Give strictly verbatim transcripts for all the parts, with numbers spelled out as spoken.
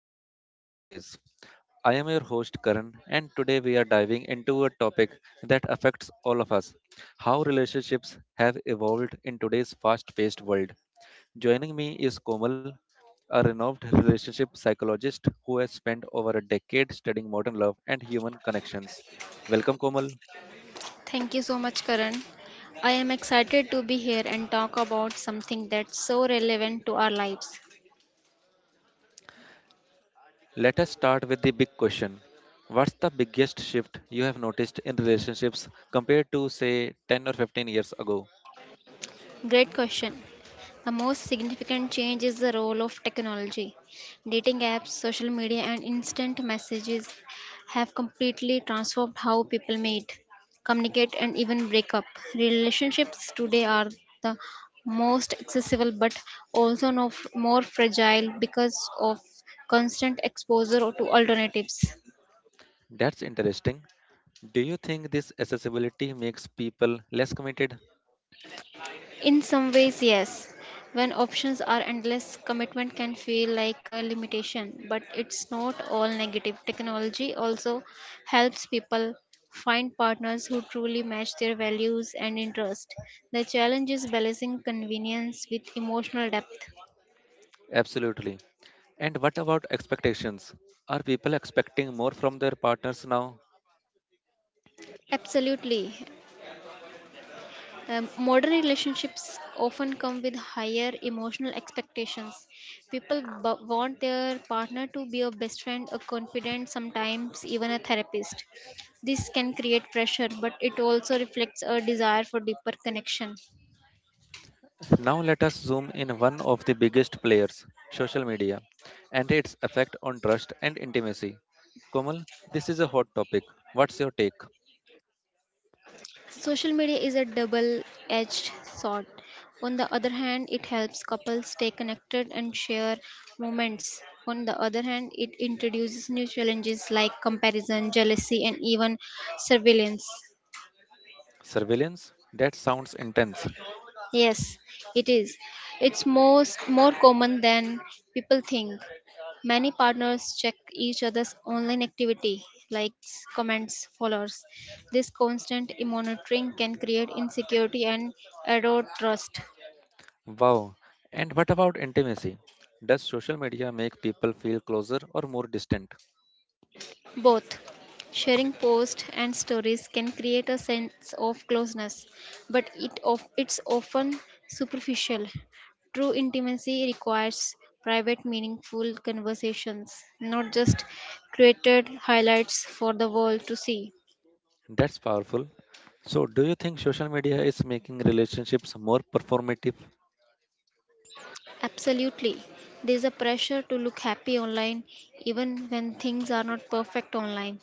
Relationship Nowadays. I am your host, Karan, and today we are diving into a topic that affects all of us how relationships have evolved in today's fast paced world. Joining me is Komal, a renowned relationship psychologist who has spent over a decade studying modern love and human connections. Welcome, Komal. Thank you so much, Karan. I am excited to be here and talk about something that's so relevant to our lives. Let us start with the big question. What's the biggest shift you have noticed in relationships compared to, say, ten or fifteen years ago? Great question. The most significant change is the role of technology. Dating apps, social media, and instant messages have completely transformed how people meet, communicate, and even break up. Relationships today are the most accessible but also no, more fragile because of constant exposure to alternatives. That's interesting. Do you think this accessibility makes people less committed? In some ways, yes. When options are endless, commitment can feel like a limitation, but it's not all negative. Technology also helps people find partners who truly match their values and interests. The challenge is balancing convenience with emotional depth. Absolutely. And what about expectations? Are people expecting more from their partners now? Absolutely. Um, modern relationships often come with higher emotional expectations. People b- want their partner to be a best friend, a confidant, sometimes even a therapist. This can create pressure, but it also reflects a desire for deeper connection. Now let us zoom in one of the biggest players, social media, and its effect on trust and intimacy. Komal, this is a hot topic. What's your take? Social media is a double edged sword. On the other hand, it helps couples stay connected and share moments. On the other hand, it introduces new challenges like comparison, jealousy, and even surveillance. Surveillance? That sounds intense. Yes, it is. It's most more common than people think. Many partners check each other's online activity, likes, comments, followers. This constant monitoring can create insecurity and erode trust. Wow. And what about intimacy? Does social media make people feel closer or more distant? Both sharing posts and stories can create a sense of closeness, but it of, it's often superficial. True intimacy requires private, meaningful conversations, not just created highlights for the world to see. That's powerful. So, do you think social media is making relationships more performative? Absolutely, there's a pressure to look happy online, even when things are not perfect online.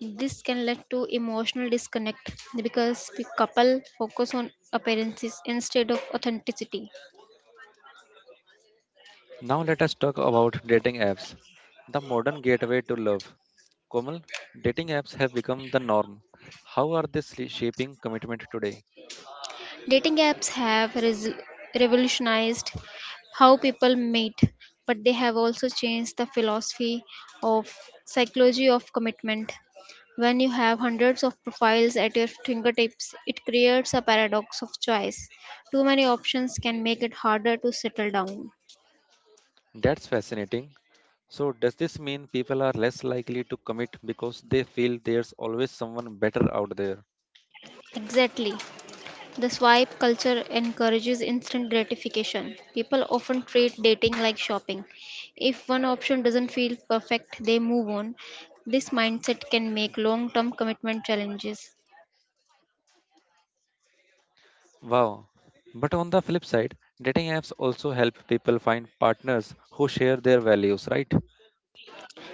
This can lead to emotional disconnect because the couple focus on appearances instead of authenticity. Now, let us talk about dating apps, the modern gateway to love. Komal, dating apps have become the norm. How are they sli- shaping commitment today? Dating apps have res- revolutionized how people meet, but they have also changed the philosophy of psychology of commitment. When you have hundreds of profiles at your fingertips, it creates a paradox of choice. Too many options can make it harder to settle down. That's fascinating. So, does this mean people are less likely to commit because they feel there's always someone better out there? Exactly. The swipe culture encourages instant gratification. People often treat dating like shopping. If one option doesn't feel perfect, they move on. This mindset can make long term commitment challenges. Wow. But on the flip side, dating apps also help people find partners who share their values, right?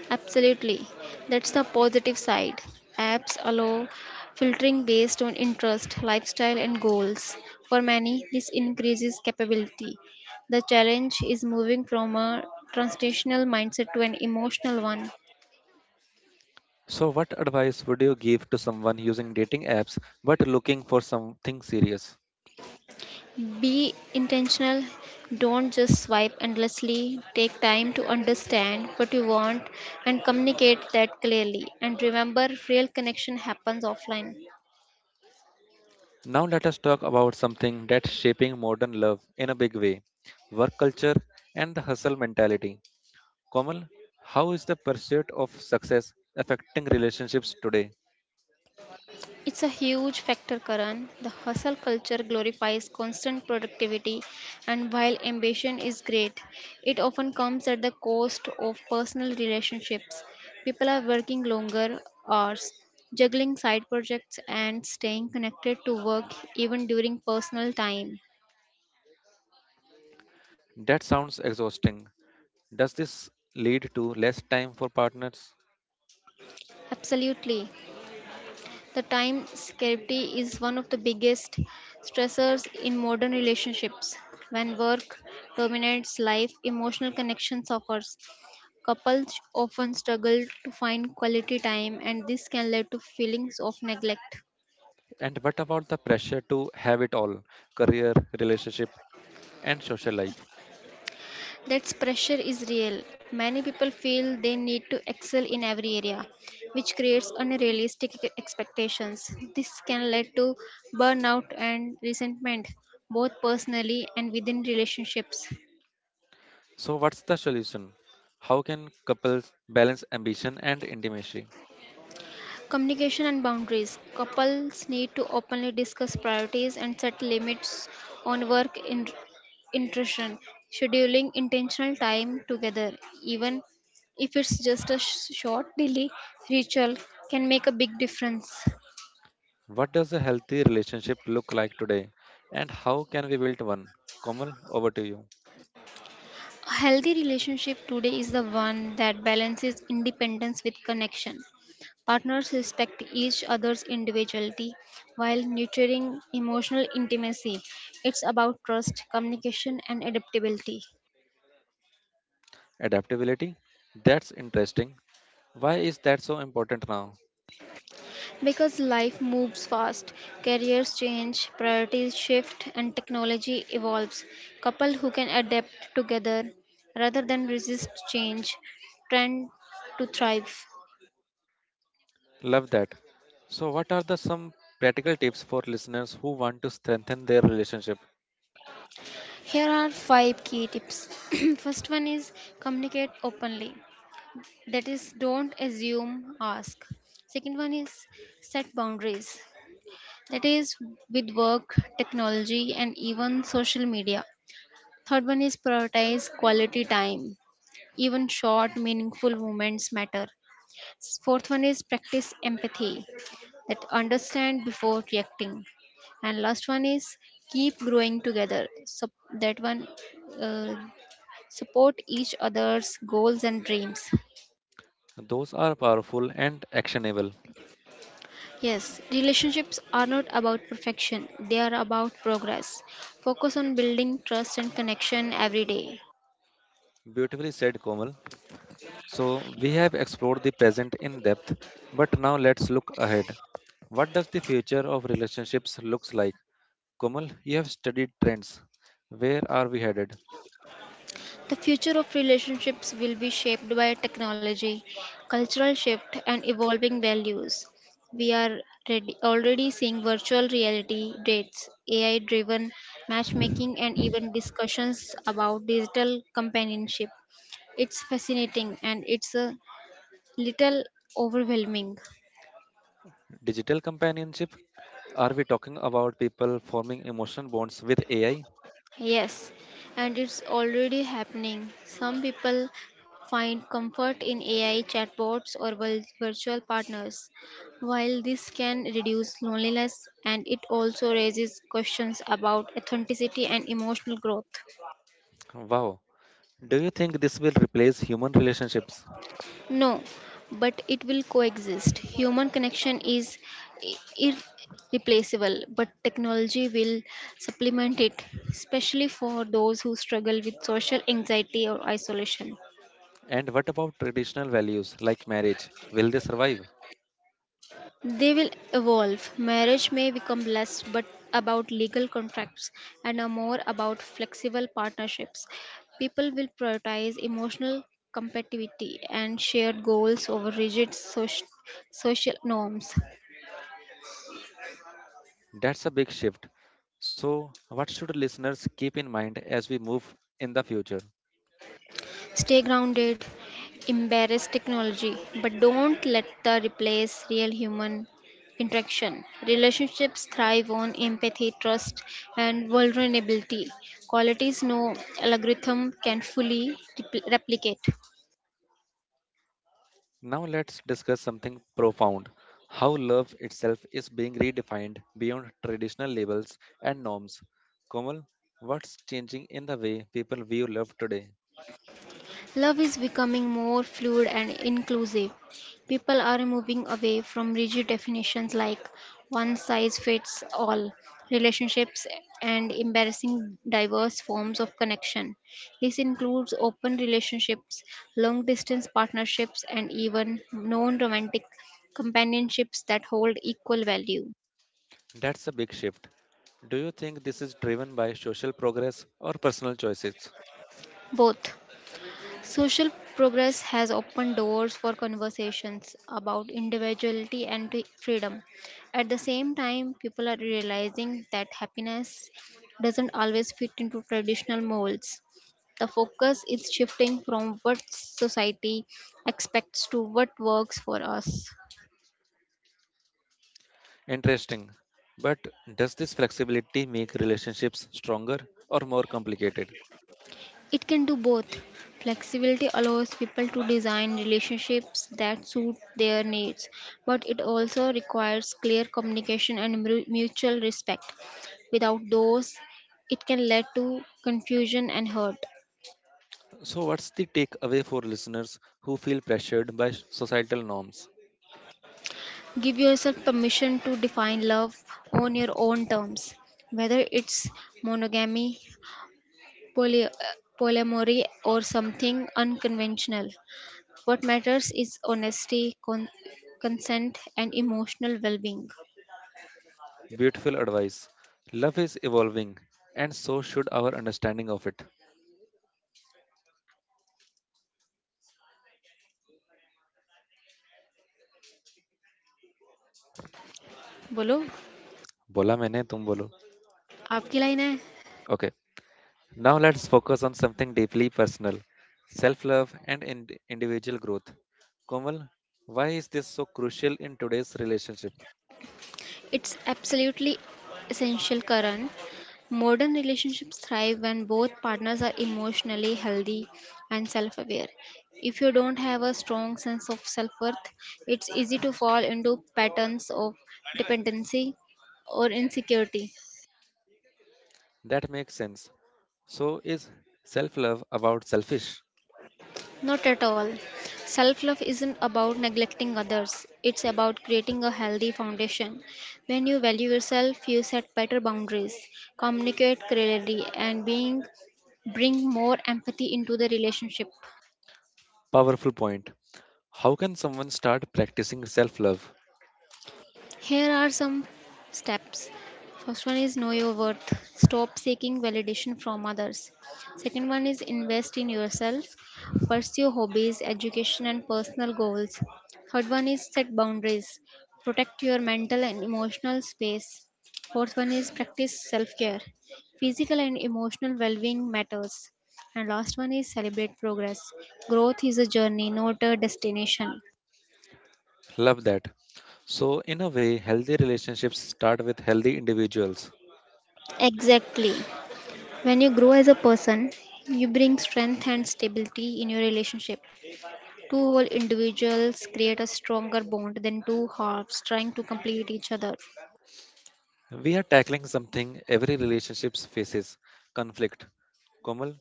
Absolutely. That's the positive side. Apps allow filtering based on interest, lifestyle, and goals. For many, this increases capability. The challenge is moving from a transitional mindset to an emotional one. So, what advice would you give to someone using dating apps but looking for something serious? Be intentional. Don't just swipe endlessly. Take time to understand what you want and communicate that clearly. And remember, real connection happens offline. Now, let us talk about something that's shaping modern love in a big way work culture and the hustle mentality. Komal, how is the pursuit of success affecting relationships today? It's a huge factor, Karan. The hustle culture glorifies constant productivity, and while ambition is great, it often comes at the cost of personal relationships. People are working longer hours, juggling side projects, and staying connected to work even during personal time. That sounds exhausting. Does this lead to less time for partners? Absolutely. The time scarcity is one of the biggest stressors in modern relationships. When work dominates life, emotional connection suffers, couples often struggle to find quality time, and this can lead to feelings of neglect. And what about the pressure to have it all career, relationship, and social life? That pressure is real. Many people feel they need to excel in every area, which creates unrealistic e- expectations. This can lead to burnout and resentment, both personally and within relationships. So, what's the solution? How can couples balance ambition and intimacy? Communication and boundaries. Couples need to openly discuss priorities and set limits on work in- intrusion, scheduling intentional time together, even if it's just a sh- short daily ritual, can make a big difference. What does a healthy relationship look like today? And how can we build one? Komal, over to you. A healthy relationship today is the one that balances independence with connection. Partners respect each other's individuality while nurturing emotional intimacy. It's about trust, communication, and adaptability. Adaptability? That's interesting. Why is that so important now? Because life moves fast, careers change, priorities shift, and technology evolves, couples who can adapt together rather than resist change tend to thrive. Love that. So, what are the some practical tips for listeners who want to strengthen their relationship? Here are five key tips. First one is communicate openly. That is, don't assume, ask. Second one is set boundaries. That is, with work, technology, and even social media. Third one is prioritize quality time. Even short, meaningful moments matter. S- Fourth one is practice empathy. That understand before reacting. And last one is keep growing together. So that one uh, support each other's goals and dreams. Those are powerful and actionable. Yes, relationships are not about perfection, they are about progress. Focus on building trust and connection every day. Beautifully said, Komal. So, we have explored the present in depth, but now let's look ahead. What does the future of relationships looks like? Komal, you have studied trends. Where are we headed? The future of relationships will be shaped by technology, cultural shift, and evolving values. We are ready, already seeing virtual reality dates, A I driven matchmaking, and even discussions about digital companionship. It's fascinating and it's uh, little overwhelming. Digital companionship? Are we talking about people forming emotional bonds with A I? Yes, and it's already happening. Some people find comfort in A I chatbots or vir- virtual partners. While this can reduce loneliness and it also raises questions about authenticity and emotional growth. Wow. Do you think this will replace human relationships? No, but it will coexist. Human connection is i- irreplaceable, but technology will supplement it, especially for those who struggle with social anxiety or isolation. And what about traditional values like marriage? Will they survive? They will evolve. Marriage may become less but about legal contracts and are more about flexible partnerships. People will prioritize emotional compatibility and shared goals over rigid soc- social norms. That's a big shift. So, what should listeners keep in mind as we move in the future? Stay grounded, embrace technology, but don't let the replace real human interaction. Relationships thrive on empathy, trust, and vulnerability. Qualities no algorithm can fully repl- replicate. Now let's discuss something profound how love itself is being redefined beyond traditional labels and norms. Komal, what's changing in the way people view love today? Love is becoming more fluid and inclusive. People are moving away from rigid definitions like one size fits all relationships and embarrassing diverse forms of connection. This includes open relationships, long distance partnerships, and even non romantic companionships that hold equal value. That's a big shift. Do you think this is driven by social progress or personal choices? Both social progress has opened doors for conversations about individuality and re- freedom. At the same time, people are realizing that happiness doesn't always fit into traditional molds. The focus is shifting from what society expects to what works for us. Interesting. But does this flexibility make relationships stronger or more complicated? It can do both. Flexibility allows people to design relationships that suit their needs, but it also requires clear communication and mu- mutual respect. Without those, it can lead to confusion and hurt. So, what's the takeaway for listeners who feel pressured by societal norms? Give yourself permission to define love on your own terms, whether it's monogamy, poly- uh, polyamory, or something unconventional. What matters is honesty, con- consent, and emotional well-being. Beautiful advice. Love is evolving, and so should our understanding of it. बोलो बोला मैंने तुम बोलो. आपकी line है. Okay. Now let's focus on something deeply personal, self-love and ind- individual growth. Komal, why is this so crucial in today's relationship? It's absolutely essential, Karan. Modern relationships thrive when both partners are emotionally healthy and self aware. If you don't have a strong sense of self worth, it's easy to fall into patterns of dependency or insecurity. That makes sense. So is self-love about selfish? Not at all. Self love isn't about neglecting others, it's about creating a healthy foundation. When you value yourself, you set better boundaries, communicate clearly, and being bring more empathy into the relationship. Powerful point. How can someone start practicing self-love? Here are some steps. First one is know your worth. Stop seeking validation from others. Second one is invest in yourself. Pursue hobbies, education, and personal goals. Third one is set boundaries. Protect your mental and emotional space. Fourth one is practice self care. Physical and emotional well being matters. And last one is celebrate progress. Growth is a journey, not a destination. Love that. So, in a way, healthy relationships start with healthy individuals. Exactly. When you grow as a person, you bring strength and stability in your relationship. Two whole individuals create a stronger bond than two halves trying to complete each other. We are tackling something every relationships faces conflict, Komal.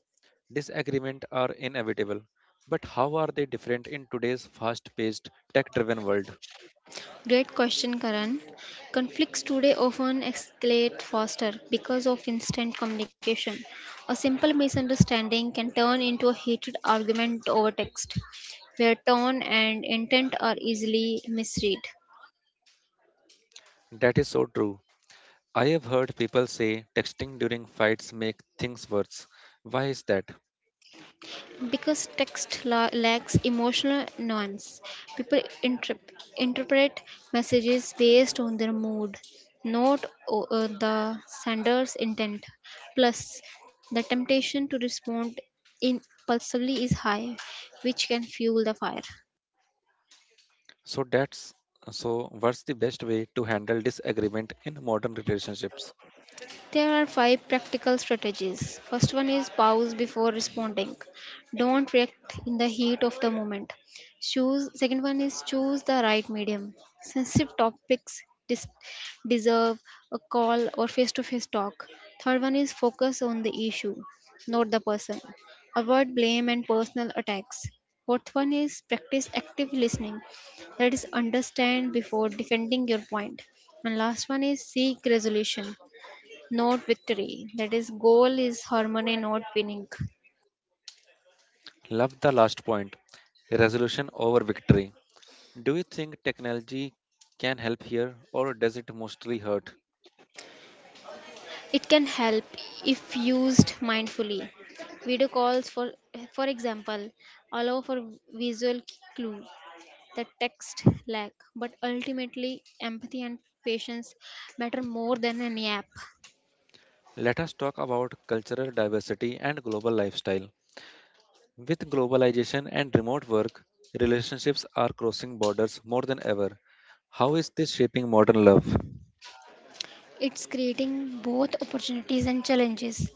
Disagreement are inevitable, but how are they different in today's fast paced, tech driven world? Great question, Karan. Conflicts today often escalate faster because of instant communication. A simple misunderstanding can turn into a heated argument over text, where tone and intent are easily misread. That is so true. I have heard people say texting during fights make things worse. Why is that? Because text la- lacks emotional nuance. People interp- interpret messages based on their mood, not o- uh, the sender's intent. Plus, the temptation to respond impulsively is high, which can fuel the fire. So that's so what's the best way to handle disagreement in modern relationships? There are five practical strategies. First one is pause before responding. Don't react in the heat of the moment. Choose second one is choose the right medium. Sensitive topics dis- deserve a call or face-to-face talk. Third one is focus on the issue, not the person. Avoid blame and personal attacks. Fourth one is practice active listening. That is understand before defending your point. And last one is seek resolution. Not victory. That is, goal is harmony, not winning. Love the last point. Resolution over victory. Do you think technology can help here or does it mostly hurt? It can help if used mindfully. Video calls, for for example, allow for visual clues that text lack, but ultimately empathy and patience matter more than any app. Let us talk about cultural diversity and global lifestyle. With globalization and remote work, relationships are crossing borders more than ever. How is this shaping modern love? It's creating both opportunities and challenges.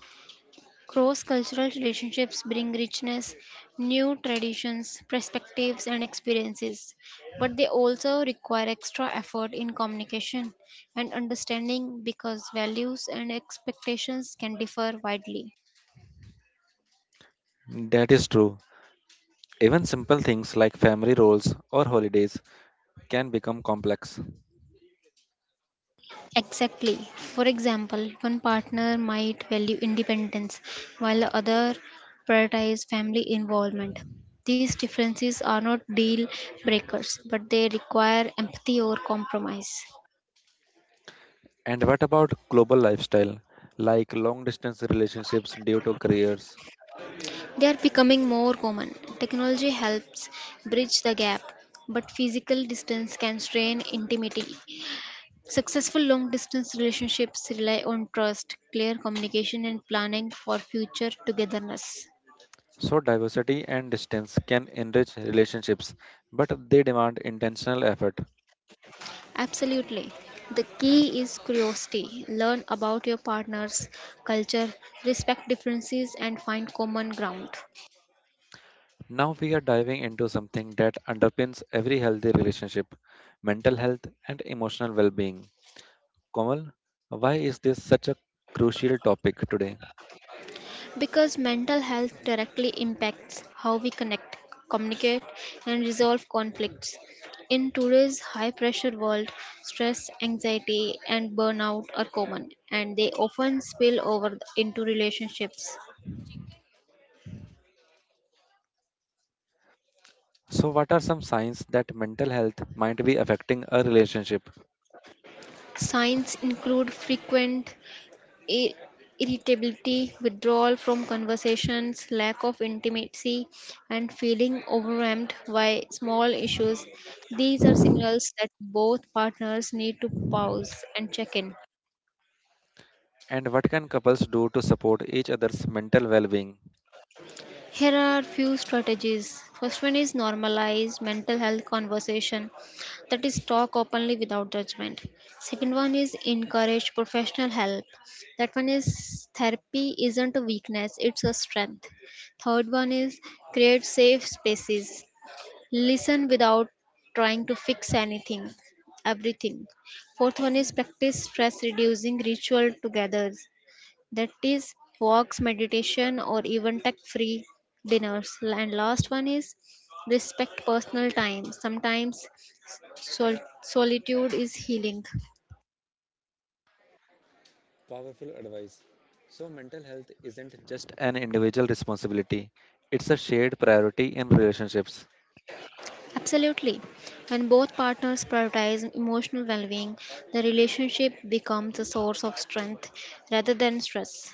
Cross cultural relationships bring richness, new traditions, perspectives, and experiences, but they also require extra effort in communication and understanding because values and expectations can differ widely. That is true. Even simple things like family roles or holidays can become complex. Exactly. For example, one partner might value independence while the other prioritize family involvement. These differences are not deal breakers, but they require empathy or compromise. And what about global lifestyle, like long distance relationships due to careers? They are becoming more common. Technology helps bridge the gap, but physical distance can strain intimacy. Successful long distance relationships rely on trust, clear communication, and planning for future togetherness. So, diversity and distance can enrich relationships, but they demand intentional effort. Absolutely. The key is curiosity. Learn about your partner's culture, respect differences, and find common ground. Now, we are diving into something that underpins every healthy relationship mental health and emotional well being. Komal, why is this such a crucial topic today? Because mental health directly impacts how we connect, communicate, and resolve conflicts. In today's high pressure world, stress, anxiety, and burnout are common, and they often spill over into relationships. So, what are some signs that mental health might be affecting a relationship? Signs include frequent ir- irritability, withdrawal from conversations, lack of intimacy, and feeling overwhelmed by small issues. These are signals that both partners need to pause and check in. And what can couples do to support each other's mental well being? Here are few strategies. First one is normalize mental health conversation. That is talk openly without judgment. Second one is encourage professional help. That one is therapy isn't a weakness, it's a strength. Third one is create safe spaces. Listen without trying to fix anything, everything. Fourth one is practice stress reducing ritual together, that is walks, meditation, or even tech free dinners. And last one is respect personal time. Sometimes sol- solitude is healing. Powerful advice. So, mental health isn't just an individual responsibility, it's a shared priority in relationships. Absolutely, when both partners prioritize emotional well-being, the relationship becomes a source of strength rather than stress.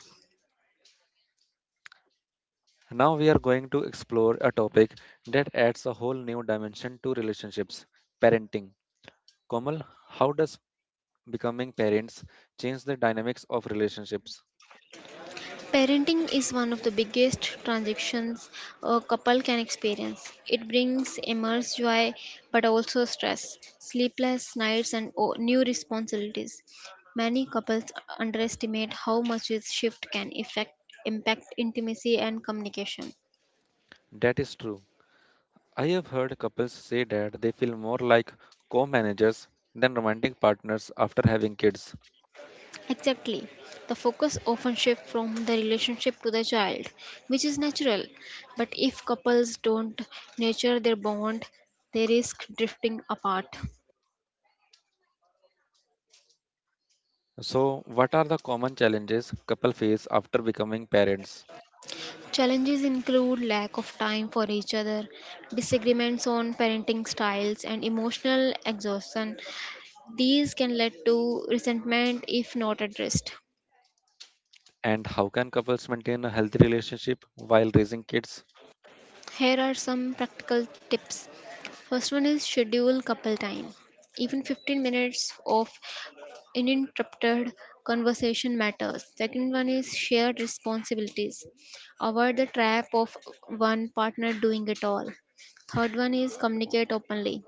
Now, we are going to explore a topic that adds a whole new dimension to relationships parenting. Komal, how does becoming parents change the dynamics of relationships? Parenting is one of the biggest transactions a couple can experience. It brings immense joy, but also stress, sleepless nights, and o- new responsibilities. Many couples underestimate how much this shift can affect, impact intimacy and communication. That is true. I have heard couples say that they feel more like co managers than romantic partners after having kids. Exactly. The focus often shifts from the relationship to the child, which is natural. But if couples don't nurture their bond, they risk drifting apart. So, what are the common challenges couples face after becoming parents, Challenges include lack of time for each other, disagreements on parenting styles, and emotional exhaustion. These can lead to resentment if not addressed. and how can couples maintain a healthy relationship while raising kids? Here are some practical tips. First one is schedule couple time. Even fifteen minutes of uninterrupted conversation matters. Second one is shared responsibilities. Avoid the trap of one partner doing it all. Third one is communicate openly.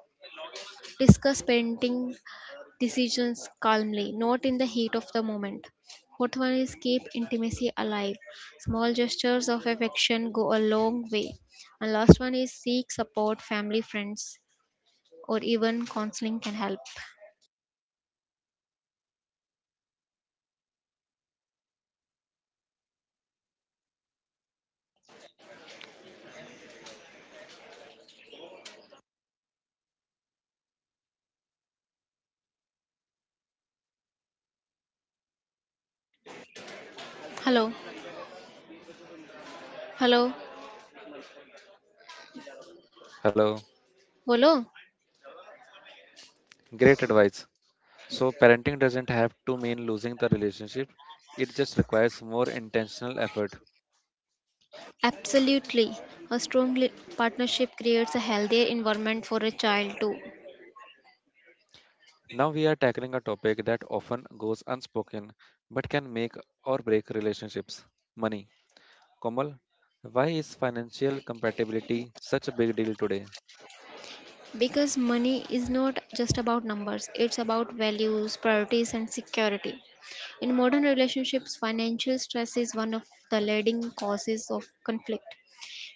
Discuss parenting decisions calmly, not in the heat of the moment. Fourth one is keep intimacy alive. Small gestures of affection go a long way. And last one is seek support, family, friends, or even counseling can help. Hello, hello, Hello, hello. great advice. So, parenting doesn't have to mean losing the relationship; it just requires more intentional effort. Absolutely. A strong li- partnership creates a healthier environment for a child too. Now we are tackling a topic that often goes unspoken but can make or break relationships: money. Komal, why is financial compatibility such a big deal today? Because money is not just about numbers, it's about values, priorities, and security. In modern relationships, financial stress is one of the leading causes of conflict.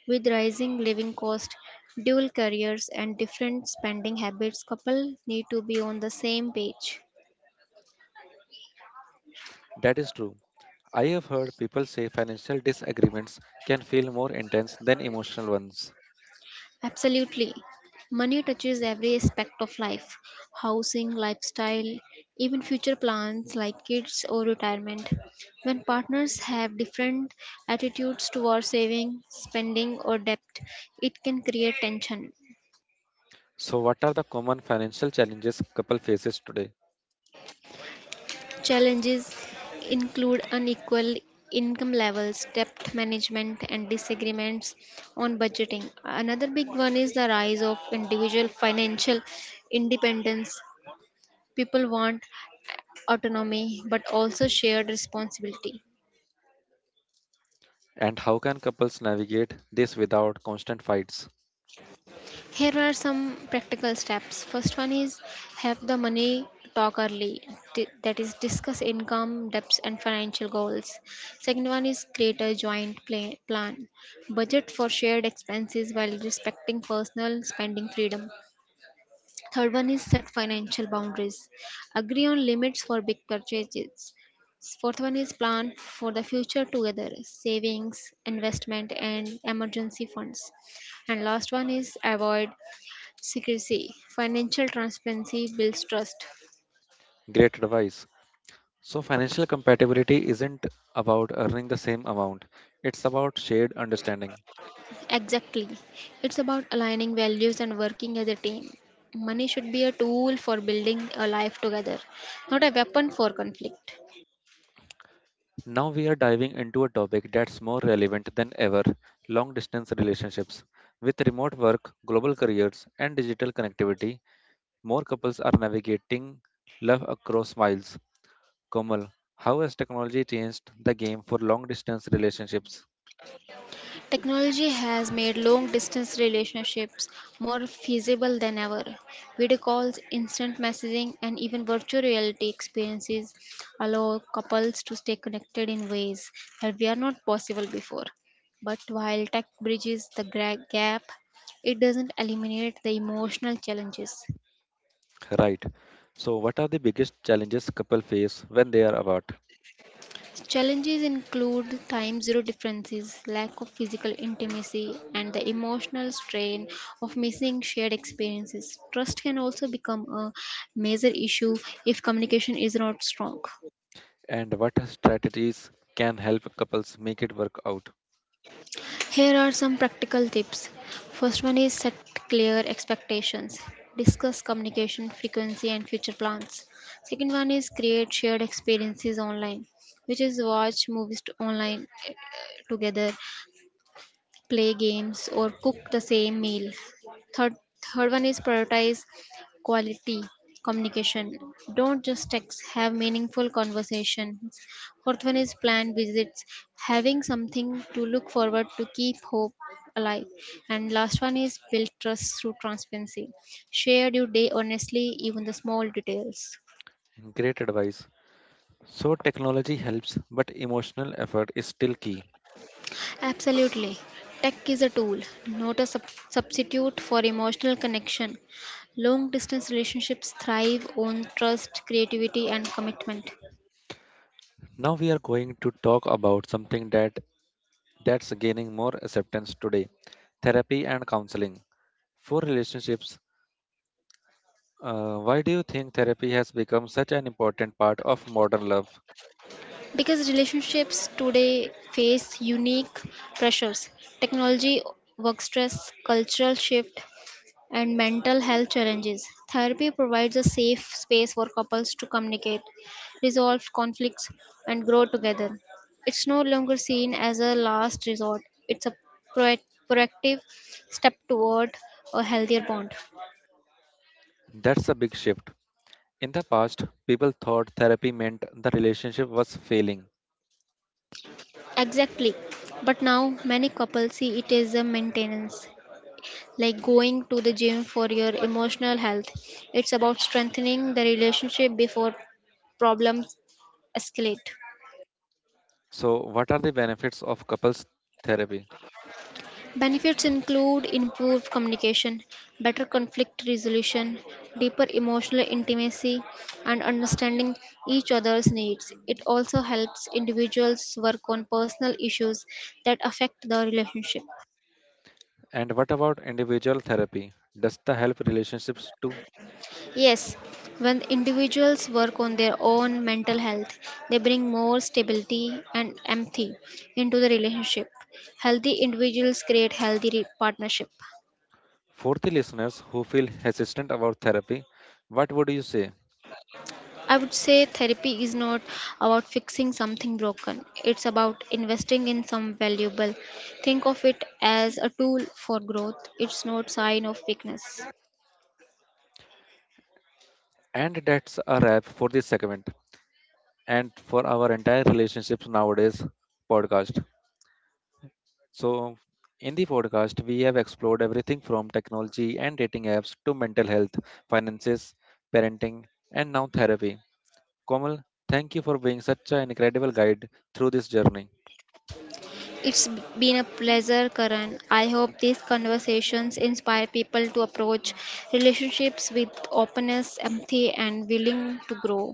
With rising living costs, dual careers, and different spending habits, couples need to be on the same page. That is true. I have heard people say financial disagreements can feel more intense than emotional ones. Absolutely. Money touches every aspect of life: housing, lifestyle, even future plans like kids or retirement. When partners have different attitudes towards saving, spending, or debt, it can create tension. So, what are the common financial challenges couple faces today, Challenges include unequal income levels, debt management, and disagreements on budgeting. Another big one is the rise of individual financial independence. People want autonomy but also shared responsibility. and how can couples navigate this without constant fights? Here are some practical steps. First one is have the money talk early, Di- that is, discuss income, debts, and financial goals. Second one is create a joint pla- plan, budget for shared expenses while respecting personal spending freedom. Third one is set financial boundaries. Agree on limits for big purchases. Fourth one is plan for the future together, savings, investment, and emergency funds. And last one is avoid secrecy. Financial transparency builds trust. Great advice. So, financial compatibility isn't about earning the same amount; it's about shared understanding. Exactly. It's about aligning values and working as a team. Money should be a tool for building a life together, not a weapon for conflict. Now we are diving into a topic that's more relevant than ever: long-distance relationships. With remote work, global careers, and digital connectivity, more couples are navigating love across miles. Komal, how has technology changed the game for long distance relationships? Technology has made long distance relationships more feasible than ever. Video calls, instant messaging, and even virtual reality experiences allow couples to stay connected in ways that were not possible before. But while tech bridges the gra- gap, it doesn't eliminate the emotional challenges. Right. So, what are the biggest challenges couples face when they are apart? Challenges include time zero differences, lack of physical intimacy, and the emotional strain of missing shared experiences. Trust can also become a major issue if communication is not strong. And what strategies can help couples make it work out? Here are some practical tips. First one is set clear expectations. Discuss communication frequency and future plans. Second one is create shared experiences online, which is watch movies t- online, eh, together, play games, or cook the same meal. Third, third one is prioritize quality communication. Don't just text, have meaningful conversations. Fourth one is plan visits, having something to look forward to keep hope alive. And last one is build trust through transparency. Share your day honestly, even the small details. Great advice. So, technology helps, but emotional effort is still key. Absolutely. Tech is a tool, not a sub- substitute for emotional connection. Long distance relationships thrive on trust, creativity, and commitment. Now, we are going to talk about something that that's gaining more acceptance today therapy and counseling. For relationships, Uh, why do you think therapy has become such an important part of modern love? Because relationships today face unique pressures: technology, work stress, cultural shift, and mental health challenges. Therapy provides a safe space for couples to communicate, resolve conflicts, and grow together. It's no longer seen as a last resort, it's a proac- proactive step toward a healthier bond. That's a big shift. In the past, people thought therapy meant the relationship was failing. Exactly. But now many couples see it as a maintenance, like going to the gym for your emotional health. It's about strengthening the relationship before problems escalate. So, what are the benefits of couples therapy? Benefits include improved communication, better conflict resolution, deeper emotional intimacy, and understanding each other's needs. It also helps individuals work on personal issues that affect the relationship. And what about individual therapy? Does the help relationships too? Yes, when individuals work on their own mental health, they bring more stability and empathy into the relationship. Healthy individuals create healthy re- partnership. For the listeners who feel hesitant about therapy, what would you say? I would say therapy is not about fixing something broken. It's about investing in some valuable. Think of it as a tool for growth. It's not sign of weakness. And that's a wrap for this segment and for our entire relationships nowadays podcast. So, in the podcast, we have explored everything from technology and dating apps to mental health, finances, parenting, and now therapy. Komal, thank you for being such an incredible guide through this journey. It's b- been a pleasure, Karan. I hope these conversations inspire people to approach relationships with openness, empathy and willing to grow.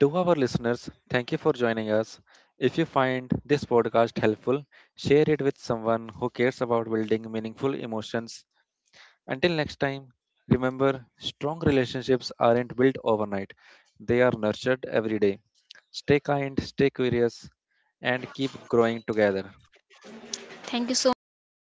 To our listeners, thank you for joining us. If you find this podcast helpful, share it with someone who cares about building meaningful emotions. Until next time, remember strong relationships aren't built overnight, they are nurtured every day. Stay kind, stay curious, and keep growing together. Thank you so much to our